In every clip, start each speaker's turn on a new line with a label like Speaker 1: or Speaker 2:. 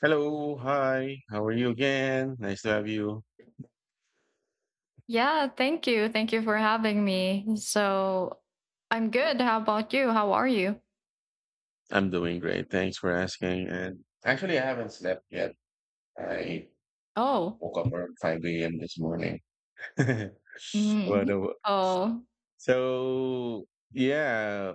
Speaker 1: Hello, hi. How are you again? Nice to have you.
Speaker 2: Yeah, thank you. Thank you for having me. So I'm good. How about you? How are you?
Speaker 1: I'm doing great. Thanks for asking. And actually, I haven't slept yet. I
Speaker 2: Oh.
Speaker 1: woke up around 5 a.m. this morning.
Speaker 2: Hmm.
Speaker 1: But, uh,
Speaker 2: Oh.
Speaker 1: so, yeah,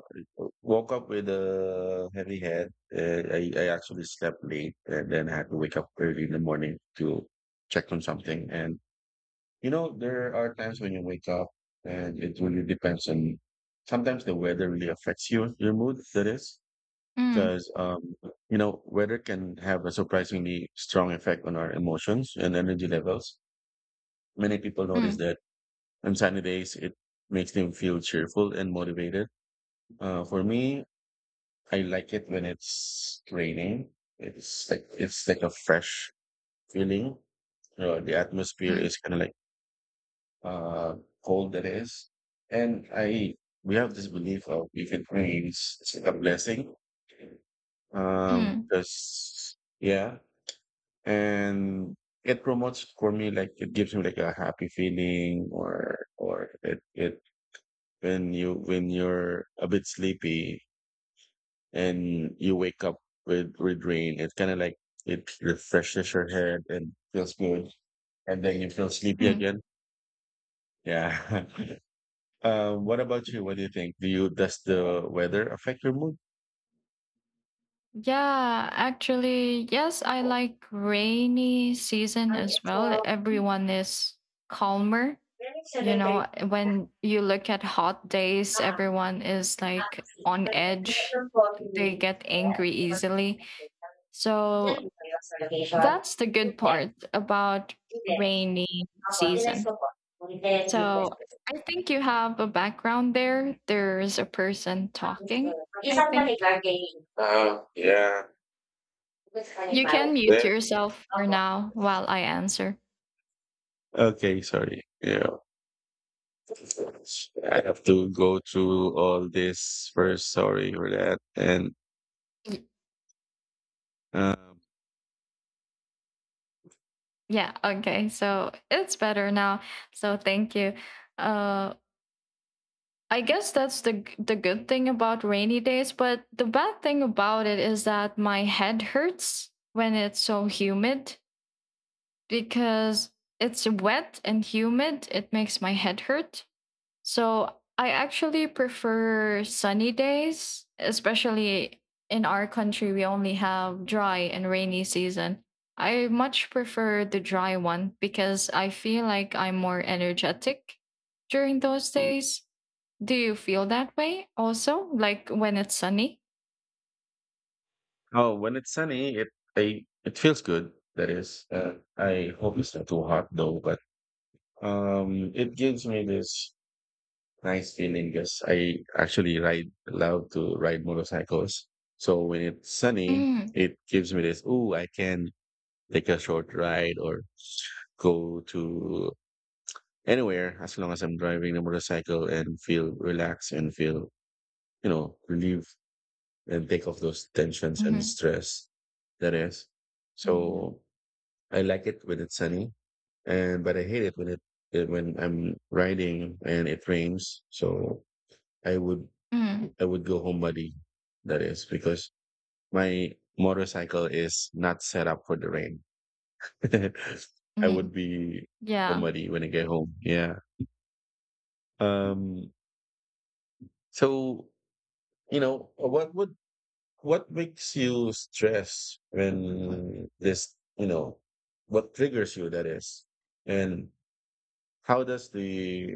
Speaker 1: woke up with a heavy head. I actually slept late and then I had to wake up early in the morning to check on something. And you know, there are times when you wake up and it really depends on sometimes the weather really affects you, your mood, that is,
Speaker 2: Mm,
Speaker 1: because, you know, weather can have a surprisingly strong effect on our emotions and energy levels. Many people notice
Speaker 2: mm,
Speaker 1: that on sunny days, it makes them feel cheerful and motivated. For me, I like it when it's raining. It's like a fresh feeling. The atmosphere
Speaker 2: mm,
Speaker 1: is kind of like uh, cold it is. And I, we have this belief of if it rains, it's like a blessing.
Speaker 2: mm,
Speaker 1: Because yeah, and it promotes for me like it gives me like a happy feeling, or it when you're a bit sleepy and you wake up with rain, it kind of like it refreshes your head and feels good, and then you feel sleepy
Speaker 2: mm.
Speaker 1: again. Yeah. What about you? What do you think? Do you Does the weather affect your mood?
Speaker 2: Yeah, actually, yes, I
Speaker 1: Uh,
Speaker 2: like rainy season as well. Everyone is calmer. You know, when you look at hot days, everyone is like on edge. They get angry easily. So that's the good part about rainy season. So I think you have a background there. There's a person talking, I think.
Speaker 1: yeah, yeah.
Speaker 2: You can mute yourself for now while I answer.
Speaker 1: Okay, sorry. Yeah. I have to go through all this first. Sorry for that. And
Speaker 2: Y-
Speaker 1: uh,
Speaker 2: Yeah, okay. So it's better now. So thank you. Uh I guess that's the the good thing about rainy days, but the bad thing about it is that my head hurts when it's so humid because it's wet and humid. It makes my head hurt. So I actually prefer sunny days, especially in our country. We only have dry and rainy season. I much prefer the dry one because I feel like I'm more energetic during those days. Do you feel that way also? Like when it's sunny?
Speaker 1: oh, when it's sunny, it I it feels good. That is, I hope it's not too hot though. But it gives me this nice feeling because I actually ride love to ride motorcycles. So when it's sunny,
Speaker 2: Mm-hmm.
Speaker 1: it gives me this. Oh, I can take a short ride or go to anywhere as long as I'm driving the motorcycle and feel relaxed and feel you know relieved and take off those tensions and stress that is.
Speaker 2: Mm-hmm.
Speaker 1: So I like it when it's sunny, and but I hate it when when I'm riding and it rains. So I would
Speaker 2: Mm-hmm.
Speaker 1: I would go home muddy. That is because my motorcycle is not set up for the rain. I would be so
Speaker 2: Yeah.
Speaker 1: muddy when I get home. Yeah. Um. So you know what makes you stress when this, you know, what triggers you that is? And how does the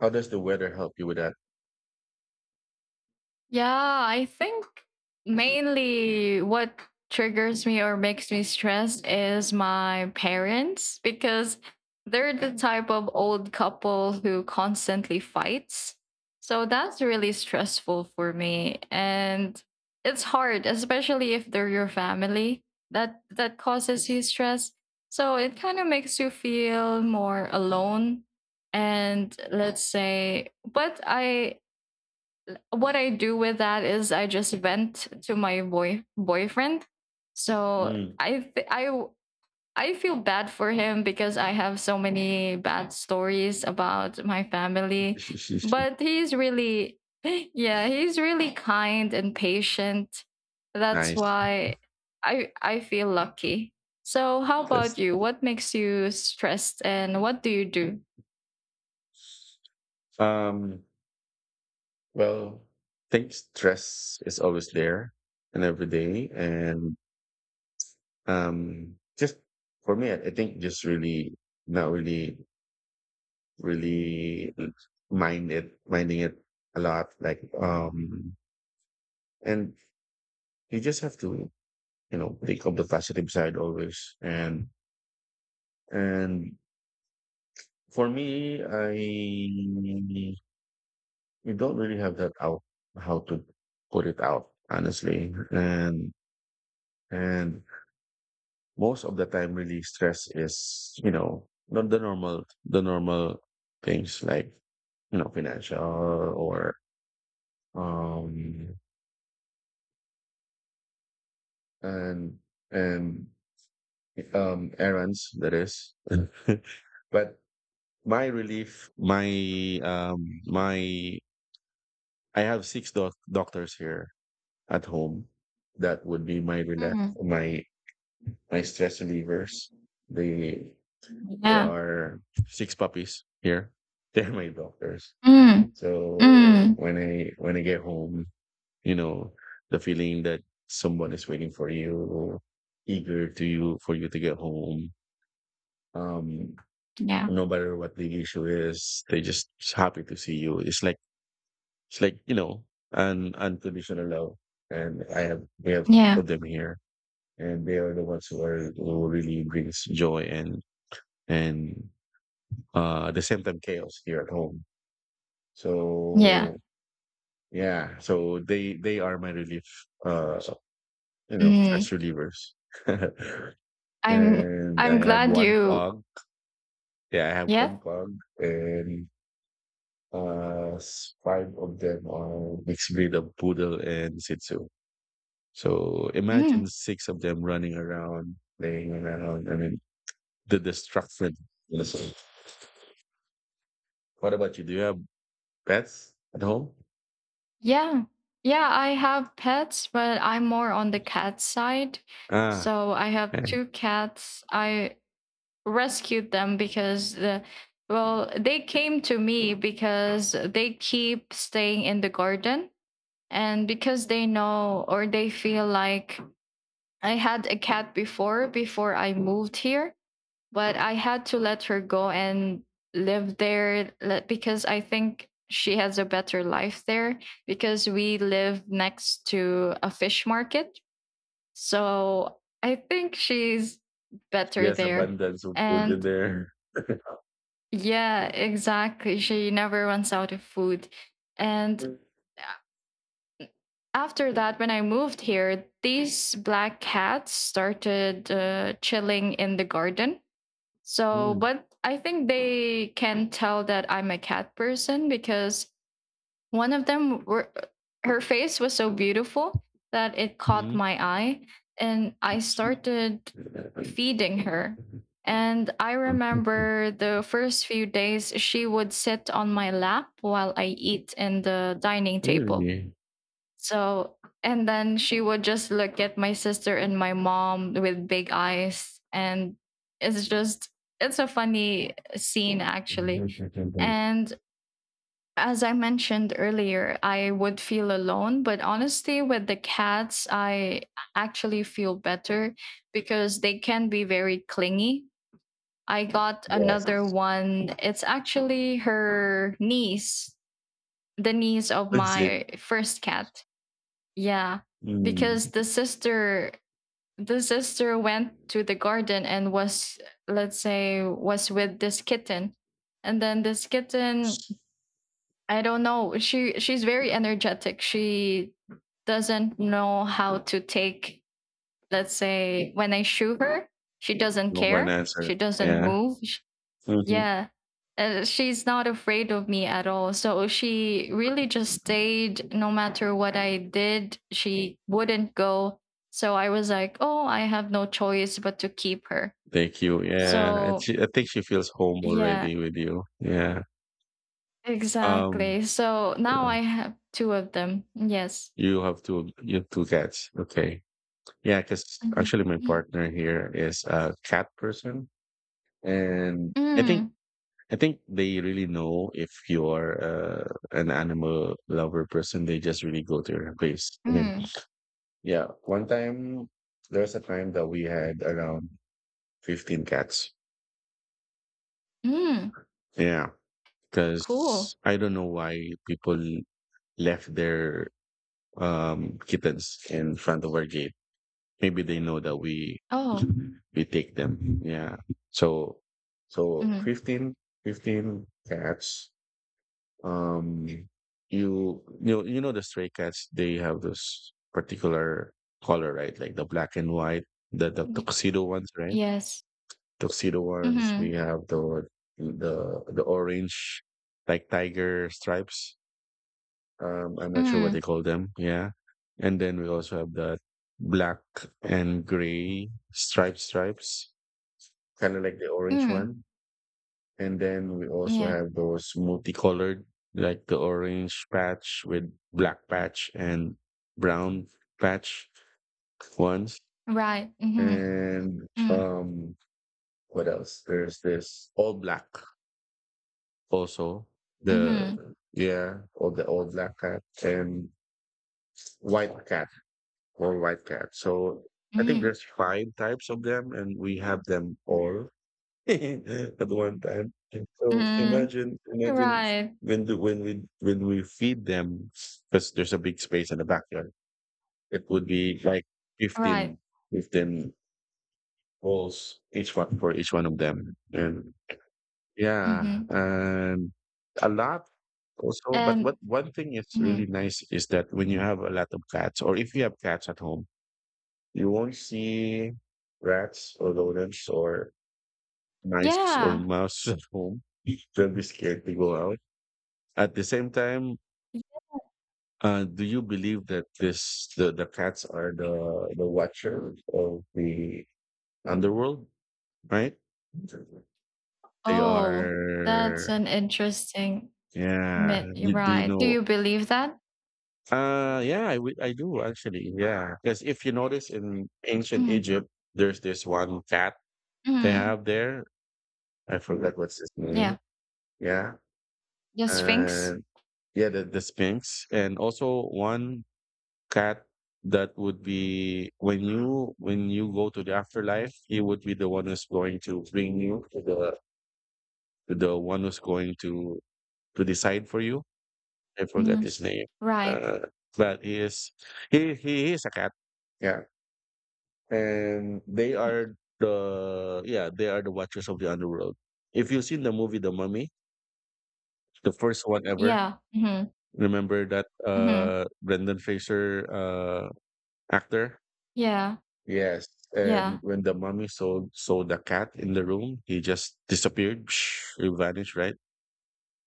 Speaker 1: how does the weather help you with that?
Speaker 2: Yeah, I think mainly what triggers me or makes me stressed is my parents because they're the type of old couple who constantly fights. So that's really stressful for me, and it's hard, especially if they're your family. That causes you stress. So it kind of makes you feel more alone and, let's say, but I, what I do with that is I just vent to my boyfriend. So
Speaker 1: Mm.
Speaker 2: I th- I w- I feel bad for him because I have so many bad stories about my family, but he's really yeah, he's really kind and patient. That's
Speaker 1: Nice.
Speaker 2: why I feel lucky. So how
Speaker 1: That's
Speaker 2: about you? What makes you stressed and what do you do?
Speaker 1: um well, I think stress is always there and every day and just for me I think just really not really really minding it a lot, like and you just have to you know pick up the positive side always, and for me I you don't really have that out, how to put it out honestly. And most of the time really stress is you know not the normal things like you know financial or um and and errands that is. But my relief, my I have doctors here at home, that would be my relief,
Speaker 2: Mm.
Speaker 1: my stress relievers. They, there
Speaker 2: Yeah.
Speaker 1: are six puppies here. They're my doctors.
Speaker 2: Mm.
Speaker 1: So
Speaker 2: Mm.
Speaker 1: when I get home, you know, the feeling that someone is waiting for you, eager to you for you to get home, um,
Speaker 2: Yeah.
Speaker 1: no matter what the issue is, they just happy to see you. It's like you know, an unconditional love. And I have We have six
Speaker 2: Yeah.
Speaker 1: of them here. And they are the ones who are who really brings joy and and at the same time chaos here at home. So
Speaker 2: Yeah.
Speaker 1: yeah, so they are my relief, uh, you know, stress
Speaker 2: Mm.
Speaker 1: relievers.
Speaker 2: I'm
Speaker 1: And I
Speaker 2: I'm
Speaker 1: have
Speaker 2: glad
Speaker 1: one
Speaker 2: you,
Speaker 1: pug. Yeah, I have
Speaker 2: yeah.
Speaker 1: one pug and five of them are mixed breed of poodle and shih tzu. So imagine
Speaker 2: Mm.
Speaker 1: six of them running around, playing around. I mean, the destruction. You know, so what about you? Do you have pets at home?
Speaker 2: Yeah. Yeah, I have pets, but I'm more on the cat side.
Speaker 1: Ah,
Speaker 2: So I have
Speaker 1: man.
Speaker 2: two cats. I rescued them because the well, they came to me because they keep staying in the garden, and because they know or they feel like I had a cat before I moved here, but I had to let her go and live there because I think she has a better life there because we live next to a fish market. So I think she's
Speaker 1: She
Speaker 2: better
Speaker 1: has
Speaker 2: there.
Speaker 1: abundance of food in
Speaker 2: And
Speaker 1: there.
Speaker 2: yeah, exactly. She never runs out of food. And after that, when I moved here, these black cats started chilling in the garden. So,
Speaker 1: Mm.
Speaker 2: but I think they can tell that I'm a cat person because one of them were, her face was so beautiful that it caught
Speaker 1: Mm.
Speaker 2: my eye, and I started feeding her. And I remember the first few days she would sit on my lap while I eat in the dining table.
Speaker 1: Really?
Speaker 2: So, and then she would just look at my sister and my mom with big eyes. And it's just, it's a funny scene, actually. And as I mentioned earlier, I would feel alone. But honestly, with the cats, I actually feel better because they can be very clingy. I got another
Speaker 1: Yes.
Speaker 2: one. It's actually her niece, the niece of
Speaker 1: That's it.
Speaker 2: my first cat. Yeah,
Speaker 1: Mm.
Speaker 2: because the sister went to the garden and was, let's say, was with this kitten. And then this kitten, I don't know, she's very energetic. She doesn't know how to take, let's say, when I shoot her, she doesn't
Speaker 1: No for an
Speaker 2: care.
Speaker 1: answer.
Speaker 2: She doesn't
Speaker 1: Yeah.
Speaker 2: move.
Speaker 1: Hmm.
Speaker 2: Yeah. And she's not afraid of me at all. So she really just stayed. No matter what I did, she wouldn't go. So I was like, oh, I have no choice but to keep her.
Speaker 1: Thank you. Yeah. And
Speaker 2: So,
Speaker 1: she, I think she feels home
Speaker 2: yeah,
Speaker 1: already with you. Yeah. Um,
Speaker 2: exactly. So now
Speaker 1: yeah,
Speaker 2: I have two of them. Yes.
Speaker 1: you have two cats. Okay. Yeah, because
Speaker 2: Mhm.
Speaker 1: actually my partner here is a cat person, and
Speaker 2: Mm,
Speaker 1: I think they really know if you're an animal lover person. They just really go to your place. I mean,
Speaker 2: mm,
Speaker 1: yeah. One time, there was a time that we had around 15 cats.
Speaker 2: mm.
Speaker 1: Yeah,
Speaker 2: Cool.
Speaker 1: because I don't know why people left their kittens in front of our gate, maybe they know that we
Speaker 2: Oh,
Speaker 1: we take them. Yeah. So so
Speaker 2: mm.
Speaker 1: 15 cats. Um, you know the stray cats, they have this particular color, right? Like the black and white, the
Speaker 2: Y-
Speaker 1: tuxedo ones, right?
Speaker 2: yes.
Speaker 1: Tuxedo ones. We
Speaker 2: Mm-hmm.
Speaker 1: have the orange like tiger stripes. I'm not sure what they
Speaker 2: Mm,
Speaker 1: call them. Yeah. And then we also have the black and gray stripes, kind of like the orange
Speaker 2: mm.
Speaker 1: one. And then we also
Speaker 2: Yeah.
Speaker 1: have those multicolored, like the orange patch with black patch and brown patch ones.
Speaker 2: Right. Mm-hmm.
Speaker 1: And
Speaker 2: Mm,
Speaker 1: what else? There's this all black also. The
Speaker 2: mm-hmm.
Speaker 1: Yeah, all black cat and white cat or white cat. So I think
Speaker 2: Mm,
Speaker 1: there's five types of them, and we have them all at one time. So
Speaker 2: mm,
Speaker 1: imagine
Speaker 2: right,
Speaker 1: when we feed them, because there's a big space in the backyard. It would be like
Speaker 2: right,
Speaker 1: fifteen, 15 bowls, each one for each one of them, and yeah,
Speaker 2: mhm,
Speaker 1: and a lot also. But
Speaker 2: and
Speaker 1: what one thing is really
Speaker 2: mhm,
Speaker 1: nice is that when you have a lot of cats, or if you have cats at home, you won't see rats or rodents or mice or
Speaker 2: yeah.
Speaker 1: mouse at home. They'll be scared to go out. At the same time, do you believe that the cats are the watcher of the underworld, right? They
Speaker 2: Oh, that's
Speaker 1: are,
Speaker 2: an interesting
Speaker 1: yeah.
Speaker 2: myth, you're
Speaker 1: You, do you
Speaker 2: right. Do
Speaker 1: know?
Speaker 2: you believe that?
Speaker 1: Yeah, I do actually. Yeah, because if you notice in ancient
Speaker 2: Mm,
Speaker 1: Egypt, there's this one cat they
Speaker 2: mm,
Speaker 1: have there. I forgot what's his name.
Speaker 2: yeah,
Speaker 1: Yeah.
Speaker 2: the Sphinx?
Speaker 1: And yeah, the Sphinx. And also one cat that would be when you go to the afterlife, he would be the one who's going to bring you to the one who's going to decide for you. I forgot
Speaker 2: Mm,
Speaker 1: his name.
Speaker 2: right,
Speaker 1: Uh but he is a cat. Yeah. And they
Speaker 2: mm,
Speaker 1: are the yeah, they are the watchers of the underworld. If you've seen the movie The Mummy, the first one ever,
Speaker 2: yeah, mhm,
Speaker 1: remember that
Speaker 2: mhm,
Speaker 1: Brendan Fraser actor?
Speaker 2: yeah,
Speaker 1: Yes. And
Speaker 2: yeah,
Speaker 1: when the mummy saw the cat in the room, he just disappeared. He vanished, right?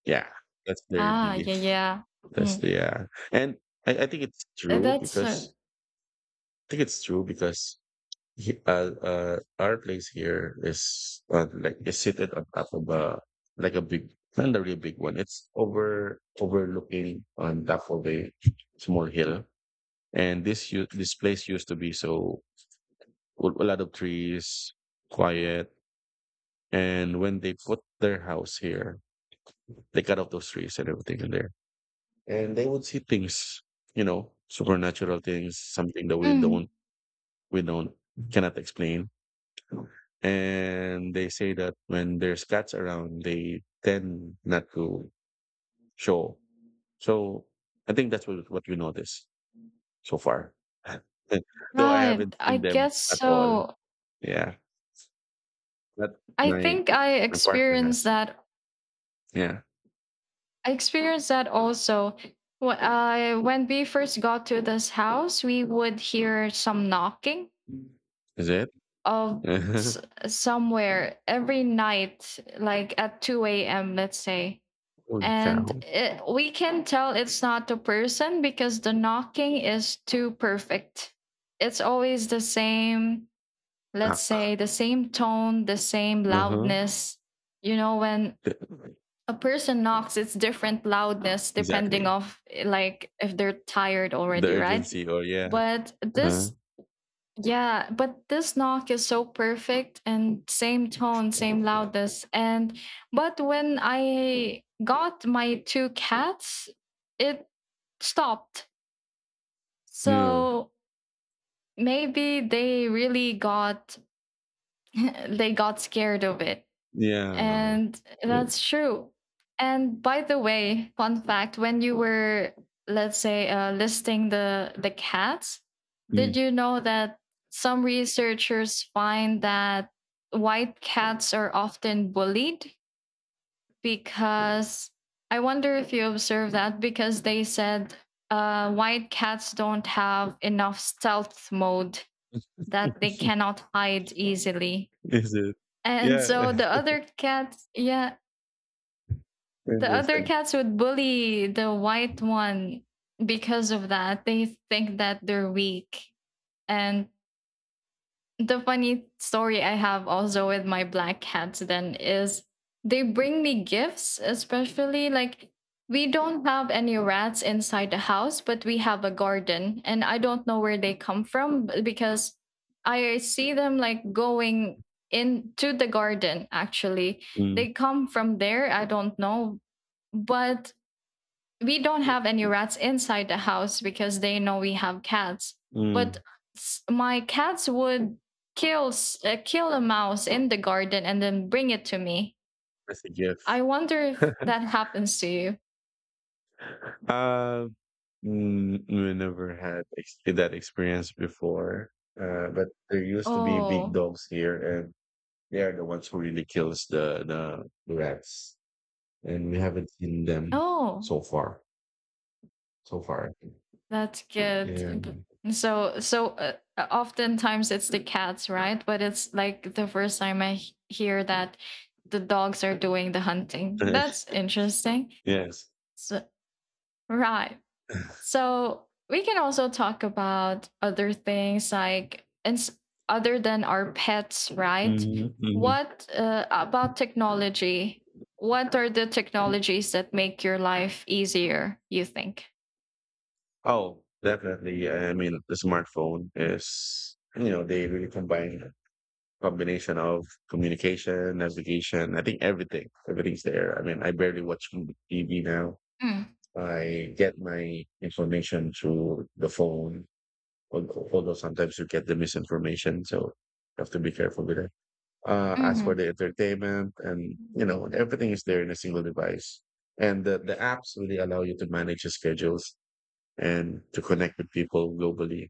Speaker 1: Yeah. That's their
Speaker 2: ah,
Speaker 1: belief.
Speaker 2: yeah, yeah,
Speaker 1: That's
Speaker 2: mm,
Speaker 1: yeah. And I think it's true
Speaker 2: that's a,
Speaker 1: because I think it's true because he, our place here is like is seated on top of a like a big, not a really big one. It's overlooking on top of a small hill. And this place used to be so a lot of trees, quiet. And when they put their house here, they cut off those trees and everything in there, and they would see things, you know, supernatural things, something that we
Speaker 2: mm,
Speaker 1: don't cannot explain. And they say that when there's cats around, they tend not to show. So I think that's what we notice so far. Though I haven't
Speaker 2: right, I
Speaker 1: seen them
Speaker 2: guess
Speaker 1: at all.
Speaker 2: so.
Speaker 1: Yeah. That
Speaker 2: I
Speaker 1: my
Speaker 2: think I
Speaker 1: partner
Speaker 2: experienced
Speaker 1: has.
Speaker 2: that.
Speaker 1: Yeah.
Speaker 2: I experienced that also. When we first got to this house, we would hear some knocking
Speaker 1: Is it?
Speaker 2: of s- somewhere every night, like at 2 a.m., let's say.
Speaker 1: Holy
Speaker 2: And
Speaker 1: cow.
Speaker 2: it, we can tell it's not a person because the knocking is too perfect. It's always the same, let's
Speaker 1: Ah.
Speaker 2: say, the same tone, the same
Speaker 1: Uh-huh.
Speaker 2: loudness. You know, when
Speaker 1: The
Speaker 2: a person knocks, it's different loudness depending
Speaker 1: exactly.
Speaker 2: of, like, if they're tired
Speaker 1: The
Speaker 2: already, right?
Speaker 1: urgency or yeah.
Speaker 2: But
Speaker 1: Huh?
Speaker 2: this, yeah, but this knock is so perfect and same tone, same
Speaker 1: Yeah.
Speaker 2: loudness, and but when I got my two cats, it stopped,
Speaker 1: Yeah.
Speaker 2: so maybe they really got they got scared of it.
Speaker 1: Yeah.
Speaker 2: And
Speaker 1: Yeah.
Speaker 2: that's true. And by the way, fun fact, when you were, let's say, listing the cats,
Speaker 1: Mm.
Speaker 2: did you know that some researchers find that white cats are often bullied, because I wonder if you observe that, because they said white cats don't have enough stealth mode, that they cannot hide easily.
Speaker 1: Is it?
Speaker 2: And so
Speaker 1: Yeah.
Speaker 2: the other cats, yeah, the other
Speaker 1: Interesting.
Speaker 2: cats would bully the white one because of that. They think that they're weak. And the funny story I have also with my black cats then is they bring me gifts, especially like we don't have any rats inside the house, but we have a garden. And I don't know where they come from, because I see them like going into the garden actually.
Speaker 1: Mm.
Speaker 2: They come from there, I don't know. But we don't have any rats inside the house because they know we have cats.
Speaker 1: Mm.
Speaker 2: But my cats would kill a mouse in the garden and then bring it to me.
Speaker 1: That's a gift.
Speaker 2: I wonder if that happens to you.
Speaker 1: Uh, we never had that experience before. But there used to be big
Speaker 2: Oh.
Speaker 1: dogs here, and they are the ones who really kills the the rats. And we haven't seen them
Speaker 2: Oh,
Speaker 1: so far. So far,
Speaker 2: that's good.
Speaker 1: yeah,
Speaker 2: So, oftentimes it's the cats, right? But it's like the first time I hear that the dogs are doing the hunting. That's interesting.
Speaker 1: yes.
Speaker 2: So, right. So we can also talk about other things, like, and other than our pets, right?
Speaker 1: Mm-hmm. Mm-hmm.
Speaker 2: What about technology? What are the technologies that make your life easier, you think?
Speaker 1: Oh, definitely. I mean, the smartphone is, you know, they really combine combination of communication, navigation. I think everything's there. I mean, I barely watch TV now.
Speaker 2: Mm,
Speaker 1: I get my information through the phone, although sometimes you get the misinformation. So you have to be careful with it. As for
Speaker 2: mm,
Speaker 1: the entertainment and, you know, everything is there in a single device. And the apps really allow you to manage your schedules and to connect with people globally.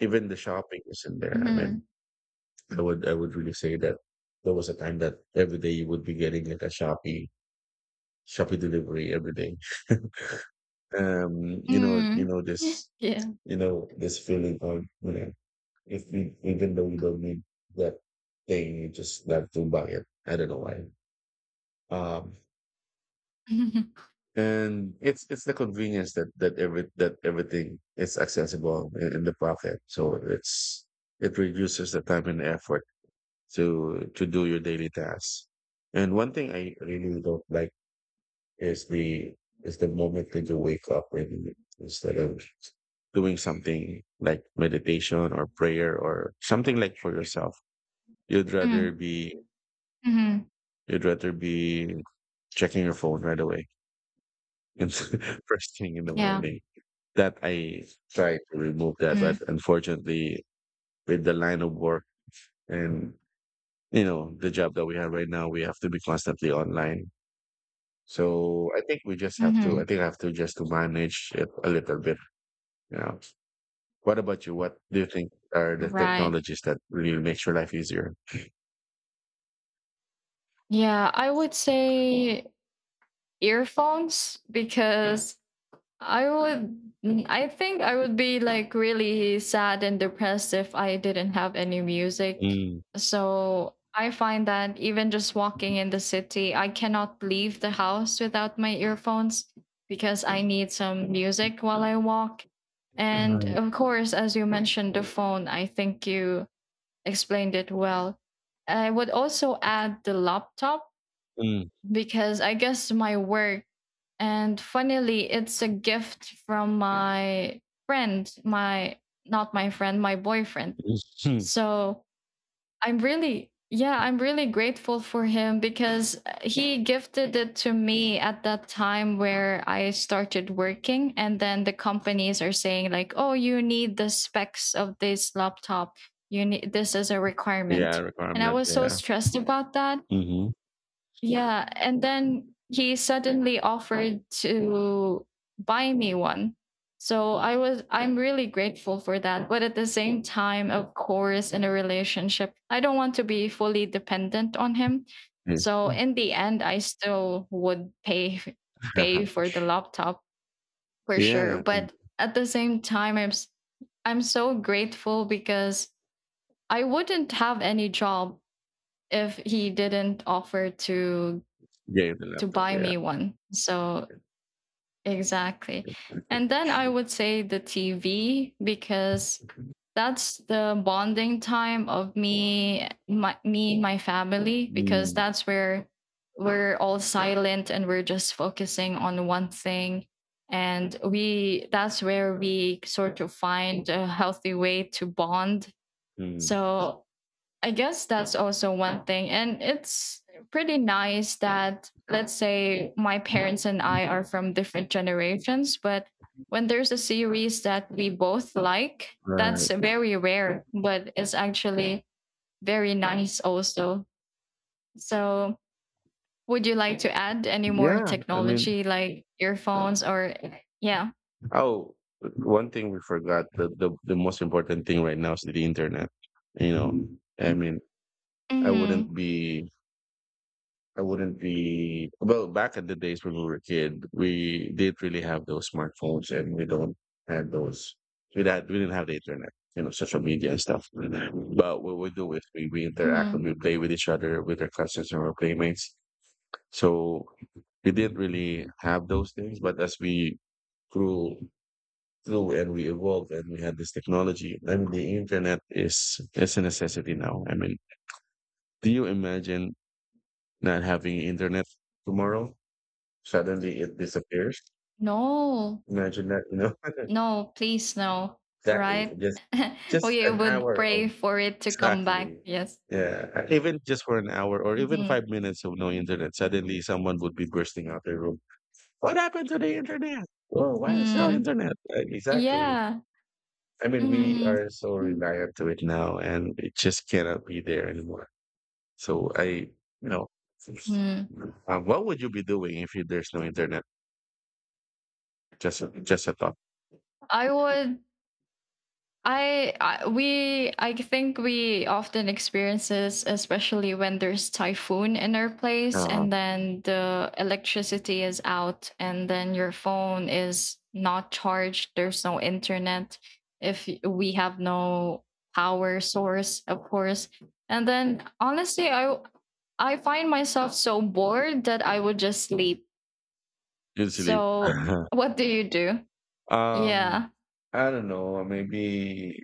Speaker 1: Even the shopping is in there. I mean,
Speaker 2: mm,
Speaker 1: I would really say that there was a time that every day you would be getting like a Shopee delivery every day. Um, you know, you
Speaker 2: mm.
Speaker 1: know this,
Speaker 2: Yeah.
Speaker 1: you know this feeling of you know if we even though you don't need that thing, you just have to buy it. I don't know why. Um, and it's the convenience that everything is accessible in the pocket, so it reduces the time and effort to do your daily tasks. And one thing I really don't like is the is the moment that you wake up and instead of doing something like meditation or prayer or something like for yourself, you'd rather
Speaker 2: Mm.
Speaker 1: be
Speaker 2: Hmm.
Speaker 1: you'd rather be checking your phone right away and first thing in the
Speaker 2: Yeah.
Speaker 1: morning. That, I try to remove that,
Speaker 2: Mm.
Speaker 1: but unfortunately, with the line of work and the job that we have right now, we have to be constantly online. So I
Speaker 2: Hmm.
Speaker 1: think I have to just to manage it a little bit. You know, what about you? What do you think are the
Speaker 2: Right.
Speaker 1: technologies that really makes your life easier?
Speaker 2: Yeah, I would say earphones because I think I would be, like, really sad and depressed if I didn't have any music.
Speaker 1: Mm.
Speaker 2: So I find that even just walking in the city, I cannot leave the house without my earphones because I need some music while I walk. And
Speaker 1: Right.
Speaker 2: of course, as you mentioned, the phone, I think you explained it well. I would also add the laptop
Speaker 1: Mm.
Speaker 2: because I guess my work, and funnily, it's a gift from my friend, my, not my friend, my boyfriend.
Speaker 1: Mhm.
Speaker 2: So I'm really, yeah, I'm really grateful for him because he gifted it to me at that time where I started working. And then the companies are saying, like, oh, you need the specs of this laptop. You need this is a
Speaker 1: Yeah,
Speaker 2: requirement. And I
Speaker 1: requirement.
Speaker 2: was so
Speaker 1: Yeah.
Speaker 2: stressed about that.
Speaker 1: Mhm.
Speaker 2: Yeah. And then he suddenly offered to buy me one. So I'm really grateful for that. But at the same time, of course, in a relationship, I don't want to be fully dependent on him.
Speaker 1: Yes.
Speaker 2: So in the end, I still would pay for the laptop for sure.
Speaker 1: Yeah. And
Speaker 2: But at the same time, I'm so grateful because I wouldn't have any job if he didn't offer to
Speaker 1: yeah, the laptop.
Speaker 2: buy
Speaker 1: Yeah.
Speaker 2: me one. So exactly. And then I would say the TV because that's the bonding time of me and my family because
Speaker 1: Mm.
Speaker 2: that's where we're all silent and we're just focusing on one thing, and we that's where we sort of find a healthy way to bond.
Speaker 1: Mm.
Speaker 2: So I guess that's also one thing. And it's pretty nice that, let's say, my parents and I are from different generations, but when there's a series that we both like, that's
Speaker 1: Right.
Speaker 2: very rare, but it's actually very nice also. So, would you like to add any more
Speaker 1: Yeah. I mean,
Speaker 2: technology, like earphones, or yeah?
Speaker 1: oh, one thing we forgot, the most important thing right now is the internet. You know, I mean, I
Speaker 2: Mm-hmm.
Speaker 1: wouldn't be, I wouldn't be. Well, back in the days when we were a kid, we didn't really have those smartphones, and we don't have those. We didn't have the internet. Social media and stuff. But what we do is we interact and
Speaker 2: Mm-hmm.
Speaker 1: we play with each other, with our cousins and our playmates. So we didn't really have those things. But as we grew, true, and we evolved and we had this technology. I mean, the internet is a necessity now. I mean, do you imagine not having internet tomorrow? Suddenly it disappears.
Speaker 2: No.
Speaker 1: Imagine that, you know?
Speaker 2: No, please no,
Speaker 1: Exactly.
Speaker 2: right?
Speaker 1: Just
Speaker 2: We
Speaker 1: an
Speaker 2: would
Speaker 1: hour of
Speaker 2: pray for it to come back.
Speaker 1: Exactly.
Speaker 2: Yes.
Speaker 1: Yeah. Even just for an hour or even five
Speaker 2: Hmm.
Speaker 1: minutes of no internet, suddenly someone would be bursting out their room. What happened to the internet? Oh, why is no
Speaker 2: Mm.
Speaker 1: internet? Exactly.
Speaker 2: Yeah.
Speaker 1: I mean, we are so
Speaker 2: Mm-hmm.
Speaker 1: reliant to it now, and it just cannot be there anymore. So you know,
Speaker 2: Mm.
Speaker 1: what would you be doing if there's no internet? Just a thought.
Speaker 2: I would I we I think we often experience this, especially when there's typhoon in our place,
Speaker 1: Uh,
Speaker 2: and then the electricity is out, and then your phone is not charged. There's no internet. If we have no power source, of course, and then honestly, I find myself so bored that I would just sleep.
Speaker 1: you'd sleep.
Speaker 2: So what do you do?
Speaker 1: um,
Speaker 2: Yeah.
Speaker 1: I don't know. Maybe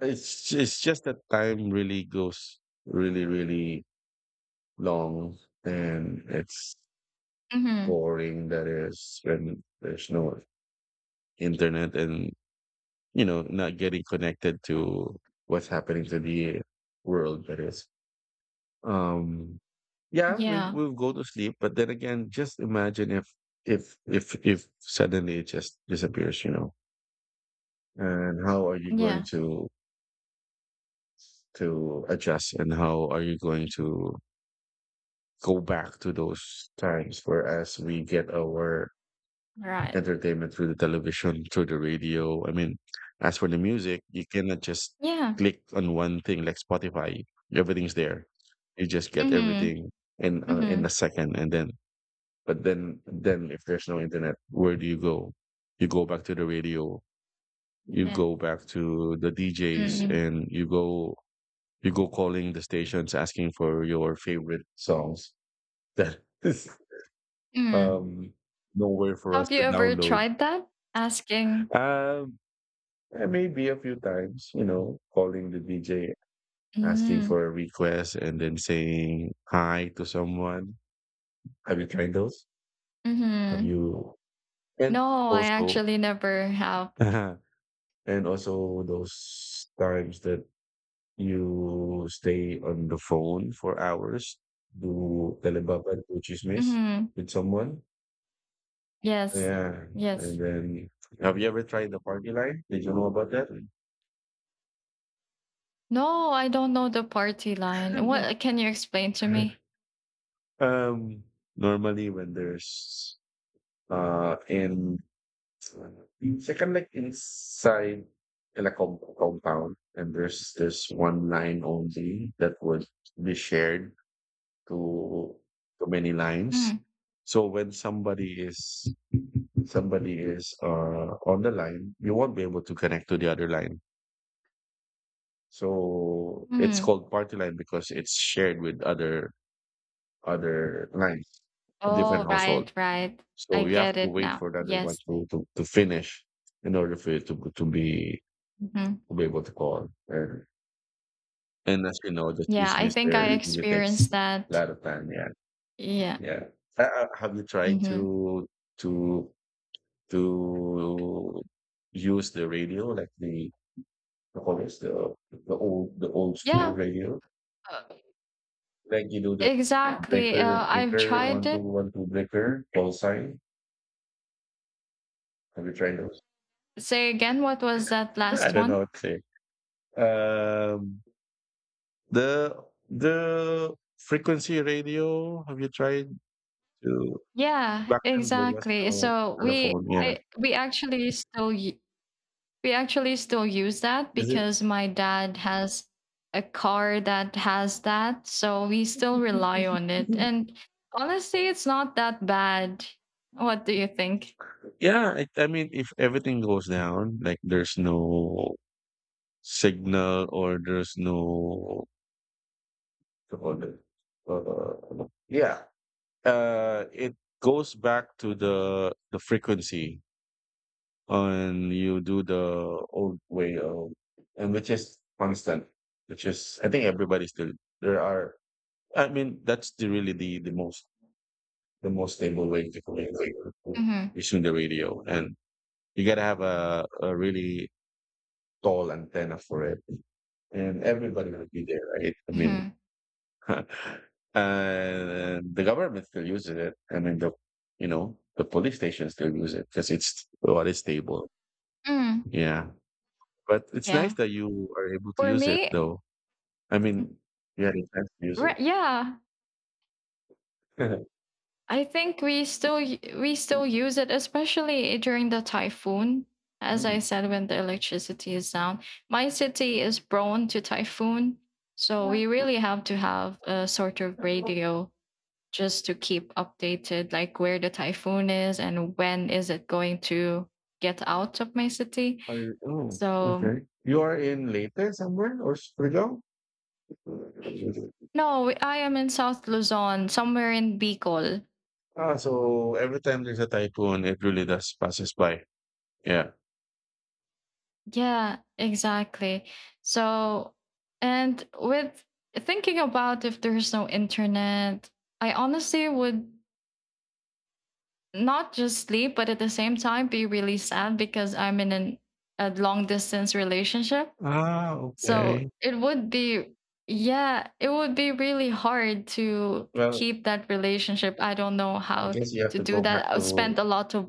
Speaker 1: it's just that time really goes really, really long, and it's
Speaker 2: Hmm.
Speaker 1: boring. That is when there's no internet, and not getting connected to what's happening to the world that is. Um yeah, we
Speaker 2: Yeah.
Speaker 1: we'll go to sleep, but then again, just imagine if suddenly it just disappears. And how are you going
Speaker 2: Yeah.
Speaker 1: to adjust, and how are you going to go back to those times whereas we get our
Speaker 2: Right.
Speaker 1: entertainment through the television, through the radio. I mean, as for the music, you cannot just
Speaker 2: Yeah.
Speaker 1: click on one thing like Spotify. Everything's there. You just get
Speaker 2: Mhm.
Speaker 1: everything in a
Speaker 2: Mhm.
Speaker 1: second, and then but then if there's no internet, where do you go? You go back to the radio. You
Speaker 2: Yeah.
Speaker 1: go back to the DJs,
Speaker 2: Mm.
Speaker 1: and you go calling the stations asking for your favorite songs. That is
Speaker 2: Mm.
Speaker 1: um nowhere for us
Speaker 2: Have you
Speaker 1: to
Speaker 2: ever
Speaker 1: download.
Speaker 2: tried that? Asking.
Speaker 1: Um, maybe a few times, calling the DJ, asking
Speaker 2: Mm.
Speaker 1: for a request, and then saying hi to someone. Have you tried those? Have
Speaker 2: Mhm.
Speaker 1: you? And
Speaker 2: No, I
Speaker 1: also,
Speaker 2: actually never have.
Speaker 1: and also those times that you stay on the phone for hours, do telebaba, do chismis
Speaker 2: Mhm.
Speaker 1: with someone.
Speaker 2: Yes.
Speaker 1: Yeah. And
Speaker 2: Yes.
Speaker 1: then, have you ever tried the party line? Did you know about that?
Speaker 2: No, I don't know the party line. What can you explain to me?
Speaker 1: um, normally when there's and second like inside in a compound, and there's this one line only that would be shared to to many lines,
Speaker 2: Mm.
Speaker 1: so when somebody is on the line, you won't be able to connect to the other line, so it's
Speaker 2: Mm.
Speaker 1: called party line because it's shared with other lines, different
Speaker 2: Oh,
Speaker 1: household.
Speaker 2: right, right. I
Speaker 1: So you have
Speaker 2: get
Speaker 1: to
Speaker 2: it
Speaker 1: wait
Speaker 2: now.
Speaker 1: for the other one
Speaker 2: Yes.
Speaker 1: to finish in order for you to to be
Speaker 2: Mhm.
Speaker 1: to be able to call. And as you know, the
Speaker 2: Yeah, I
Speaker 1: chismis
Speaker 2: think I
Speaker 1: there it really takes a
Speaker 2: experienced that.
Speaker 1: lot of time. Yeah,
Speaker 2: Yeah.
Speaker 1: yeah. Have you tried
Speaker 2: Mhm.
Speaker 1: to to use the radio like the callers, the old school
Speaker 2: Yeah.
Speaker 1: radio,
Speaker 2: uh,
Speaker 1: like the
Speaker 2: Exactly.
Speaker 1: breaker
Speaker 2: I've
Speaker 1: breaker
Speaker 2: tried
Speaker 1: one two
Speaker 2: it.
Speaker 1: one two breaker call sign? Have you tried those?
Speaker 2: Say again, what was that
Speaker 1: I
Speaker 2: last
Speaker 1: don't
Speaker 2: one?
Speaker 1: know what to say. Um, The the frequency radio, have you tried to
Speaker 2: Yeah,
Speaker 1: back then there was
Speaker 2: exactly.
Speaker 1: no
Speaker 2: So we
Speaker 1: telephone, yeah?
Speaker 2: I we actually still u- we actually still use that
Speaker 1: Is it
Speaker 2: because my dad has a car that has that, so we still rely on it. And honestly, it's not that bad. What do you think?
Speaker 1: yeah, I mean if everything goes down, like there's no signal or there's no what do you call it? Yeah. It goes back to the frequency, and you do the old way of and which is constant, which is, I think, everybody still there are I mean, that's the really the most stable way to communicate,
Speaker 2: Mhm.
Speaker 1: is through the radio, and you gotta have a really tall antenna for it, and everybody will be there, right? I mean,
Speaker 2: Mhm.
Speaker 1: and the government still uses it. I mean, the you know the police stations still use it because it's what is stable.
Speaker 2: Mm,
Speaker 1: Yeah, but it's nice
Speaker 2: yeah.
Speaker 1: that you are able to
Speaker 2: For
Speaker 1: use it,
Speaker 2: me,
Speaker 1: though. I mean, you had a chance to use it.
Speaker 2: yeah, I think we still use it, especially during the typhoon. As I
Speaker 1: Mm.
Speaker 2: said, when the electricity is down, my city is prone to typhoon, so we really have to have a sort of radio just to keep updated, like where the typhoon is and when is it going to get out of my city.
Speaker 1: Are you Oh,
Speaker 2: So
Speaker 1: okay. You are in Leyte somewhere or Surigao?
Speaker 2: no, I am in South Luzon, somewhere in Bicol.
Speaker 1: Ah, so every time there's a typhoon, it really does passes by. Yeah.
Speaker 2: Yeah, exactly. So, and with thinking about if there's no internet, I honestly would not just sleep, but at the same time be really sad because I'm in an, a long distance relationship.
Speaker 1: Ah, okay.
Speaker 2: So it would be, yeah, it would be really hard to
Speaker 1: Well,
Speaker 2: keep that relationship. I don't know
Speaker 1: I
Speaker 2: how
Speaker 1: guess
Speaker 2: to do that. I spent a lot of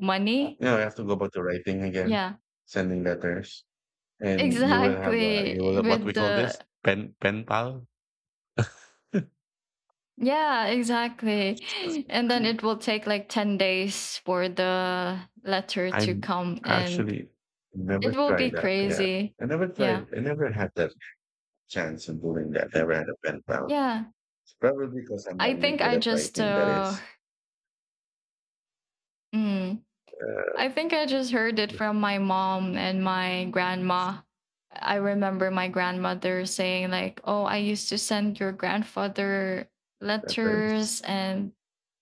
Speaker 2: money.
Speaker 1: you have to go back to writing again,
Speaker 2: Yeah.
Speaker 1: sending letters, and you will
Speaker 2: Exactly.
Speaker 1: have what we
Speaker 2: With
Speaker 1: call
Speaker 2: the
Speaker 1: this pen pal.
Speaker 2: Yeah, exactly. And then it will take like 10 days for the letter to
Speaker 1: I'm
Speaker 2: come, and
Speaker 1: actually never
Speaker 2: it will
Speaker 1: tried
Speaker 2: be
Speaker 1: that. Yeah,
Speaker 2: crazy.
Speaker 1: I never
Speaker 2: Yeah.
Speaker 1: tried. I never had that chance of doing that. Never had a pen pal.
Speaker 2: Yeah.
Speaker 1: It's probably because I'm
Speaker 2: I
Speaker 1: not really
Speaker 2: think
Speaker 1: good
Speaker 2: I
Speaker 1: at
Speaker 2: just
Speaker 1: writing. That
Speaker 2: uh
Speaker 1: is,
Speaker 2: mm,
Speaker 1: uh,
Speaker 2: I think I just heard it from my mom and my grandma. I remember my grandmother saying, like, "Oh, I used to send your grandfather
Speaker 1: that there
Speaker 2: letters,"
Speaker 1: is
Speaker 2: and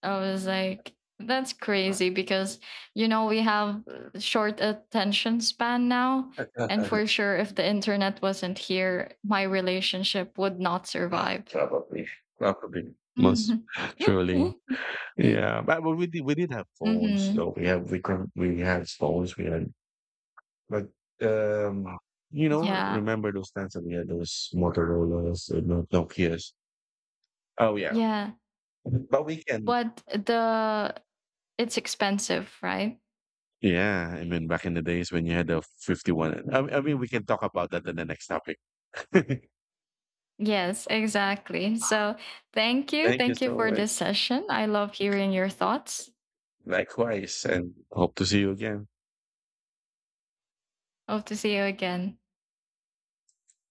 Speaker 2: I was like, "That's crazy," because you know we have short attention span now, and for sure, if the internet wasn't here, my relationship would not survive.
Speaker 1: probably, probably most
Speaker 2: Hmm.
Speaker 1: truly. Yeah, but we did have phones though. We had phones. We had but um, you know,
Speaker 2: Yeah,
Speaker 1: remember those times that we had those Motorola's, no, Nokia's. Oh yeah,
Speaker 2: yeah.
Speaker 1: but we can.
Speaker 2: But the It's expensive, right?
Speaker 1: Yeah, I mean, back in the days when you had the 51. I mean, we can talk about that in the next topic. Thank
Speaker 2: Yes, exactly. So thank you.
Speaker 1: you
Speaker 2: Thank you
Speaker 1: so
Speaker 2: for
Speaker 1: much.
Speaker 2: this session. I love hearing your thoughts.
Speaker 1: Likewise, and hope to see you again.
Speaker 2: Hope to see you again.